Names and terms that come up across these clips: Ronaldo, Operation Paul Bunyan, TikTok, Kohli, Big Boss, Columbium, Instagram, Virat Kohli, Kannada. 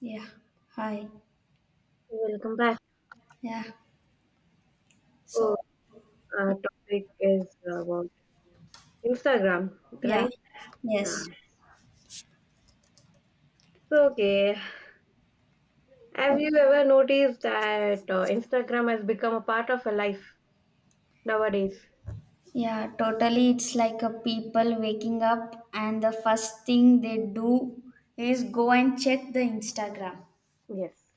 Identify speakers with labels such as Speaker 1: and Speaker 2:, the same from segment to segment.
Speaker 1: Yeah. Hi.
Speaker 2: Welcome back.
Speaker 1: Yeah.
Speaker 2: Oh,
Speaker 1: So,
Speaker 2: topic is about Instagram,
Speaker 1: yeah.
Speaker 2: right? Yeah.
Speaker 1: Yes.
Speaker 2: Okay. Have
Speaker 1: Okay.
Speaker 2: you ever noticed that Instagram has become a part of a life nowadays?
Speaker 1: Yeah, totally. It's like a people waking up and the first thing they do is go and check the Instagram.
Speaker 2: Yes.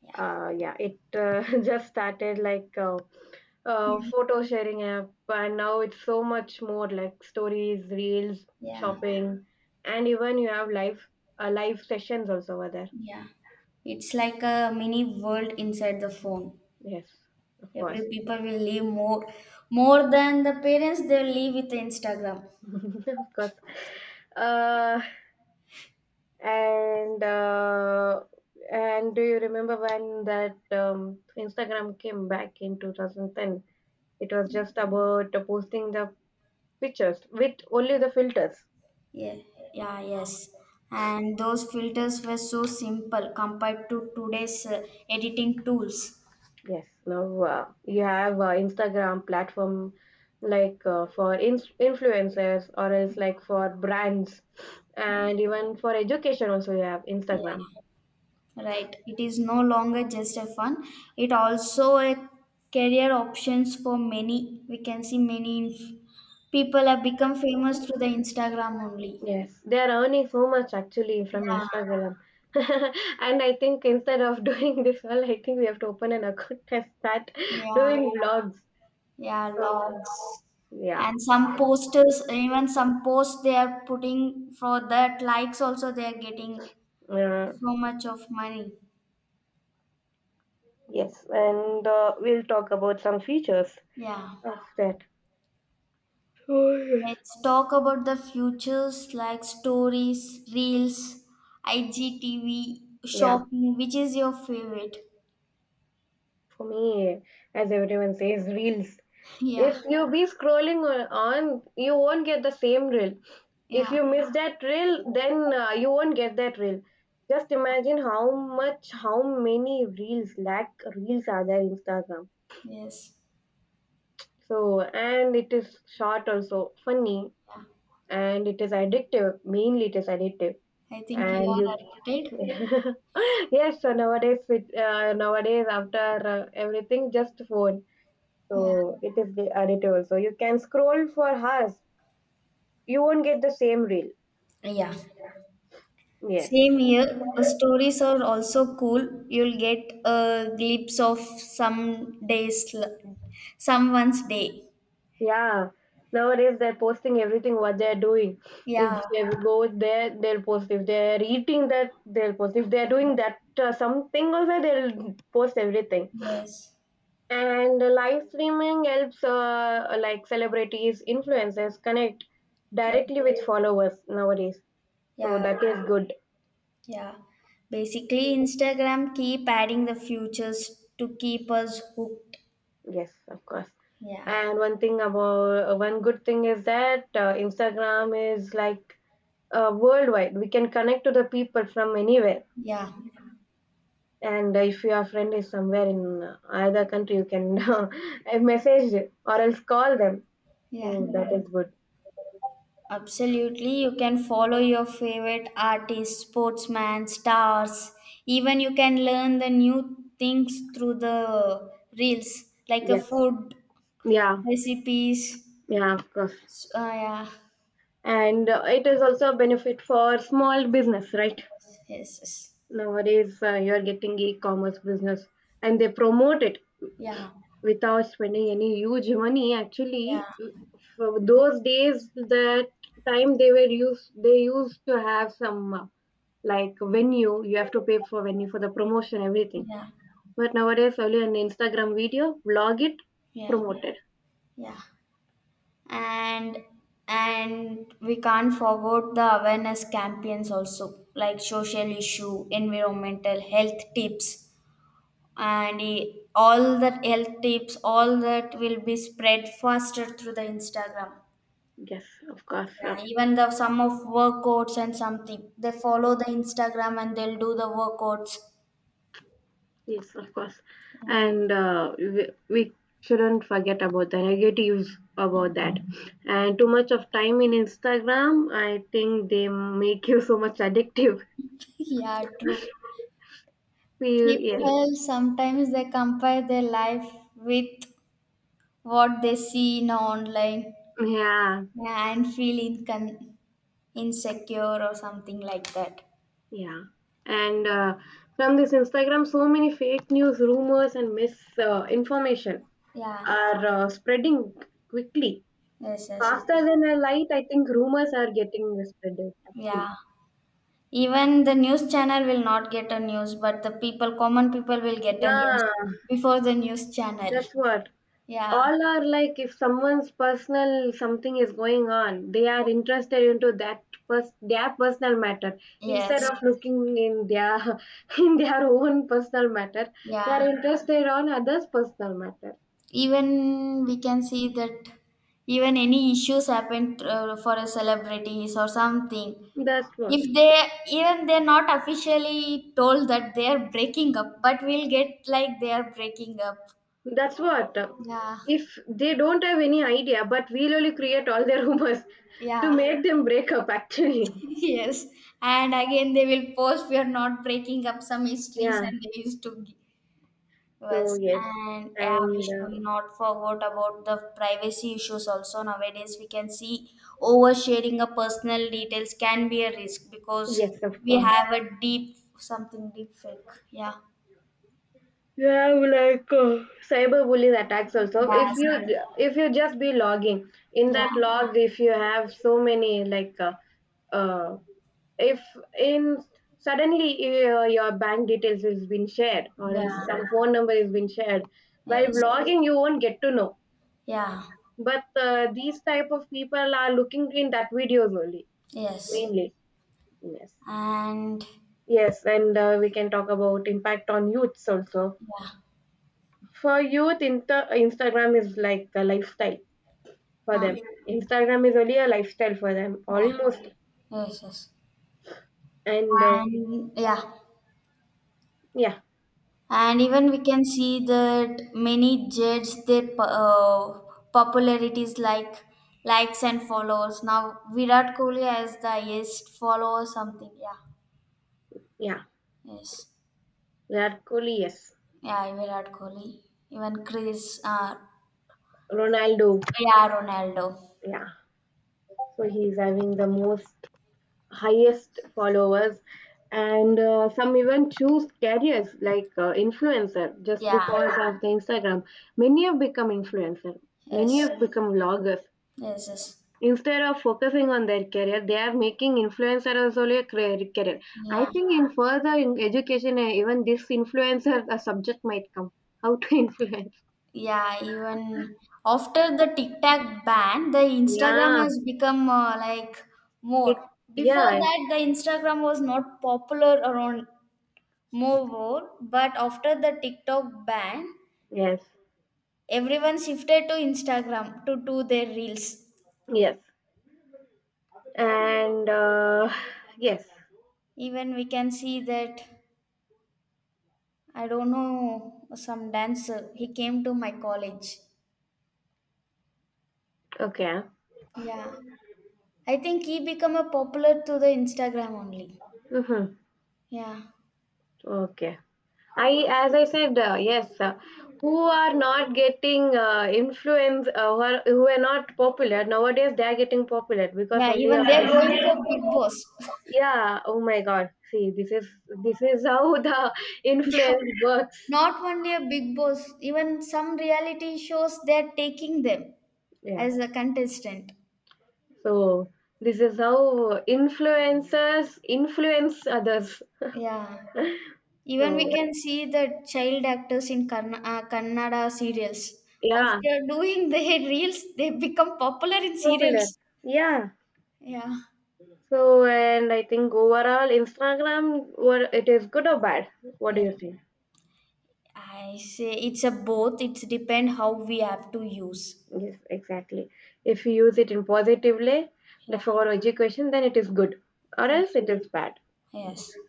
Speaker 1: Yeah.
Speaker 2: Yeah, it Just started like
Speaker 1: Mhm.
Speaker 2: photo sharing app, and now it's so much more like stories, reels,
Speaker 1: Yeah.
Speaker 2: shopping, and even you have live sessions also over there.
Speaker 1: Yeah. It's like a mini world inside the phone.
Speaker 2: Yes, of course,
Speaker 1: Every people will live more than the parents they will live with Instagram.
Speaker 2: of course. Uh, and uh, and do you remember when that Instagram came back in 2010? It was just about posting the pictures with only the filters.
Speaker 1: Yeah, yeah, yes. And those filters were so simple compared to today's editing tools.
Speaker 2: Yes, now you have Instagram platform like for ins influencers or else like for brands
Speaker 1: Yeah,
Speaker 2: and even for education also you have
Speaker 1: yeah,
Speaker 2: Instagram.
Speaker 1: right. It is no longer just a fun. It also a career options for many. We can see many people have become famous through the Instagram only.
Speaker 2: Yes, they are earning so much actually from
Speaker 1: Yeah,
Speaker 2: Instagram. And I think instead of doing this all, I think we have to open an account and start
Speaker 1: yeah,
Speaker 2: doing vlogs.
Speaker 1: yeah,
Speaker 2: So,
Speaker 1: logs.
Speaker 2: yeah.
Speaker 1: And some posters, even some posts they are putting for that likes also they are getting
Speaker 2: Uh,
Speaker 1: so much of money.
Speaker 2: yes, and we'll talk about some features
Speaker 1: Yeah.
Speaker 2: of that. Oh, yes.
Speaker 1: Let's talk about the futures like stories, reels, IGTV,
Speaker 2: Yeah.
Speaker 1: shopping. Which is your favorite?
Speaker 2: For me, as everyone says, reels.
Speaker 1: Yeah.
Speaker 2: If you be scrolling on, you won't get the same reel. If
Speaker 1: Yeah.
Speaker 2: you miss that reel, then you won't get that reel. Just imagine how much, how many reels, lack reels are there in Instagram.
Speaker 1: Yes.
Speaker 2: So, and it is short, also funny,
Speaker 1: Yeah.
Speaker 2: and it is addictive, mainly it is addictive.
Speaker 1: I think you
Speaker 2: And
Speaker 1: are
Speaker 2: you
Speaker 1: addicted.
Speaker 2: yes, so nowadays after everything just phone,
Speaker 1: Yeah.
Speaker 2: so it is the addictive also. You can scroll for hours, you won't get the same reel.
Speaker 1: Yeah.
Speaker 2: Yes.
Speaker 1: Same here. Stories are also cool. You'll get a glimpse of some days, someone's day.
Speaker 2: Yeah, nowadays they're posting everything what they're doing. If
Speaker 1: Yeah.
Speaker 2: they go there, they'll post. If they're eating that, they'll post. If they're doing that something also, they'll post everything.
Speaker 1: Yes.
Speaker 2: And live streaming helps like celebrities, influencers connect
Speaker 1: Yeah.
Speaker 2: directly with followers nowadays. So
Speaker 1: Yeah.
Speaker 2: that is good.
Speaker 1: Yeah. Basically, Instagram keep adding the futures to keep us hooked.
Speaker 2: Yes, of course.
Speaker 1: Yeah.
Speaker 2: And one thing about, one good thing is that Instagram is like worldwide. We can connect to the people from anywhere.
Speaker 1: Yeah.
Speaker 2: And if your friend is somewhere in either country, you can message it or else call them.
Speaker 1: Yeah.
Speaker 2: So that is good.
Speaker 1: Absolutely. You can follow your favorite artists, sportsmen, stars. Even you can learn the new things through the reels, like a
Speaker 2: Yes.
Speaker 1: food
Speaker 2: Yeah.
Speaker 1: recipes.
Speaker 2: Yeah, of course.
Speaker 1: Yeah.
Speaker 2: And it is also a benefit for small business, right?
Speaker 1: Yes, yes.
Speaker 2: Nowadays, you are getting e-commerce business, and they promote it
Speaker 1: Yeah.
Speaker 2: without spending any huge money actually.
Speaker 1: Yeah.
Speaker 2: For those days, that time they were used they used to have some like venue. You have to pay for venue, for the promotion everything.
Speaker 1: Yeah.
Speaker 2: But nowadays only an Instagram video vlog, it
Speaker 1: Yeah.
Speaker 2: promote it.
Speaker 1: Yeah, and and we can't forget the awareness campaigns also, like social issue, environmental health tips, and all that health tips, all that will be spread faster through the Instagram.
Speaker 2: Yes, of course. Uh,
Speaker 1: Yeah, even the some of workouts and something, they follow the Instagram and they'll do the workouts.
Speaker 2: yes, of course. And we shouldn't forget about the negatives
Speaker 1: Yeah.
Speaker 2: about that. And too much of time in Instagram, I think they make you so much addictive.
Speaker 1: Yeah, true.
Speaker 2: Feel yeah,
Speaker 1: People sometimes they compare their life with what they see in online.
Speaker 2: yeah,
Speaker 1: Yeah, and feel insecure or something like that.
Speaker 2: yeah. And from this Instagram, so many fake news, rumors, and misinformation information
Speaker 1: Yeah,
Speaker 2: are spreading quickly,
Speaker 1: yes, yes, yes.
Speaker 2: faster than a light. I think rumors are getting spreaded. Actually,
Speaker 1: Yeah. Even the news channel will not get a news, but the people, common people, will get a news
Speaker 2: yeah,
Speaker 1: before the news channel.
Speaker 2: that's what.
Speaker 1: Yeah,
Speaker 2: All are like, if someone's personal something is going on, they are interested into their personal matter, instead
Speaker 1: yes,
Speaker 2: of looking in their in their own personal matter. They
Speaker 1: yeah.
Speaker 2: are interested on others personal matter.
Speaker 1: Even we can see that, even any issues happened for a celebrities or something,
Speaker 2: That's what.
Speaker 1: if they, even they're not officially told that they're breaking up, but we'll get like they're breaking up.
Speaker 2: That's what.
Speaker 1: Yeah,
Speaker 2: If they don't have any idea, but we'll only create all their rumors to
Speaker 1: yeah.
Speaker 2: make them break up actually.
Speaker 1: Yes, and again they will post we are not breaking up, some histories,
Speaker 2: Yeah.
Speaker 1: and they used to give
Speaker 2: So
Speaker 1: us.
Speaker 2: yes,
Speaker 1: And yeah, we
Speaker 2: and
Speaker 1: should not forget about the privacy issues also. Nowadays we can see oversharing of personal details can be a risk, because
Speaker 2: yes, of
Speaker 1: we
Speaker 2: course.
Speaker 1: have a deep, something, deep fake. Yeah,
Speaker 2: Yeah, like cyberbullying attacks also. If
Speaker 1: yes,
Speaker 2: you, if you just be logging in
Speaker 1: yeah,
Speaker 2: that log, if you have so many like uh if in suddenly your bank details has been shared or else some
Speaker 1: yeah.
Speaker 2: phone number has been shared while
Speaker 1: Yes.
Speaker 2: vlogging, you won't get to know.
Speaker 1: Yeah.
Speaker 2: But these type of people are looking in that videos only
Speaker 1: Yes.
Speaker 2: mainly. Yes.
Speaker 1: And
Speaker 2: Yes, and we can talk about impact on youths also.
Speaker 1: yeah.
Speaker 2: For youth, Instagram is like a lifestyle for
Speaker 1: Huh.
Speaker 2: them. Instagram is only a lifestyle for them
Speaker 1: Yeah.
Speaker 2: almost.
Speaker 1: Yes. Yes.
Speaker 2: And
Speaker 1: And yeah.
Speaker 2: yeah,
Speaker 1: And even we can see that many judge their popularities like likes and follows. Now Virat Kohli has the highest follow or something. Yeah.
Speaker 2: yeah,
Speaker 1: Yes.
Speaker 2: that Kohli, yes.
Speaker 1: Yeah. Virat Kohli. Even Chris.
Speaker 2: Ronaldo,
Speaker 1: Yeah. Ronaldo.
Speaker 2: yeah. So he's having the most highest followers. And some even choose careers like influencer just
Speaker 1: Yeah.
Speaker 2: because of the Instagram. Many have become influencer, many
Speaker 1: Yes.
Speaker 2: have become vloggers,
Speaker 1: Yes. Yes.
Speaker 2: instead of focusing on their career they are making influencer as only a career. I
Speaker 1: Yeah.
Speaker 2: think in further in education eh, even this influencer a subject might come, how to influence.
Speaker 1: Yeah, even after the TikTok ban, the Instagram
Speaker 2: Yeah,
Speaker 1: has become like
Speaker 2: it.
Speaker 1: more. Before
Speaker 2: Yeah.
Speaker 1: that, the Instagram was not popular around but after the TikTok ban,
Speaker 2: Yes.
Speaker 1: everyone shifted to Instagram to do their reels.
Speaker 2: Yes, and yes.
Speaker 1: Even we can see that, I don't know, some dancer, he came to my college.
Speaker 2: Okay.
Speaker 1: Yeah, I think he became a popular to the Instagram only.
Speaker 2: Mm-hmm.
Speaker 1: Yeah.
Speaker 2: Okay, I, as I said, yes, who are not getting uh, influence, who are not popular nowadays, they are getting popular because
Speaker 1: Yeah,
Speaker 2: only of
Speaker 1: even they're going
Speaker 2: this.
Speaker 1: for Big Boss.
Speaker 2: Yeah, oh my god, see this is, this is how the
Speaker 1: Yeah,
Speaker 2: influence works.
Speaker 1: not only a Big Boss, even some reality shows they're taking them
Speaker 2: Yeah,
Speaker 1: as a contestant.
Speaker 2: so this is how influencers influence others
Speaker 1: Yeah, even we
Speaker 2: so
Speaker 1: can see the child actors in Kannada serials.
Speaker 2: yeah.
Speaker 1: After doing their reels, they become popular in
Speaker 2: Popular,
Speaker 1: serials.
Speaker 2: yeah.
Speaker 1: Yeah,
Speaker 2: So, and I think overall Instagram, what it is, good or bad? What do
Speaker 1: yeah.
Speaker 2: you think?
Speaker 1: I say it's a both. It's depend how we have to use.
Speaker 2: Yes, exactly. If you use it in positively, like
Speaker 1: Yeah,
Speaker 2: for education, then it is good, or
Speaker 1: yeah.
Speaker 2: else it is bad.
Speaker 1: Yes.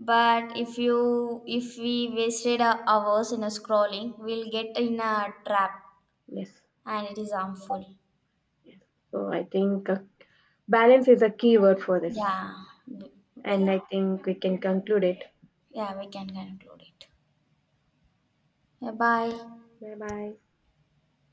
Speaker 1: But if we wasted our hours in a scrolling, we'll get in a trap
Speaker 2: Yes.
Speaker 1: and it is harmful.
Speaker 2: So I think balance is a key word for this,
Speaker 1: Yeah.
Speaker 2: and
Speaker 1: Well,
Speaker 2: I think we can conclude it.
Speaker 1: yeah, we can conclude it. Yeah, bye.
Speaker 2: Bye bye.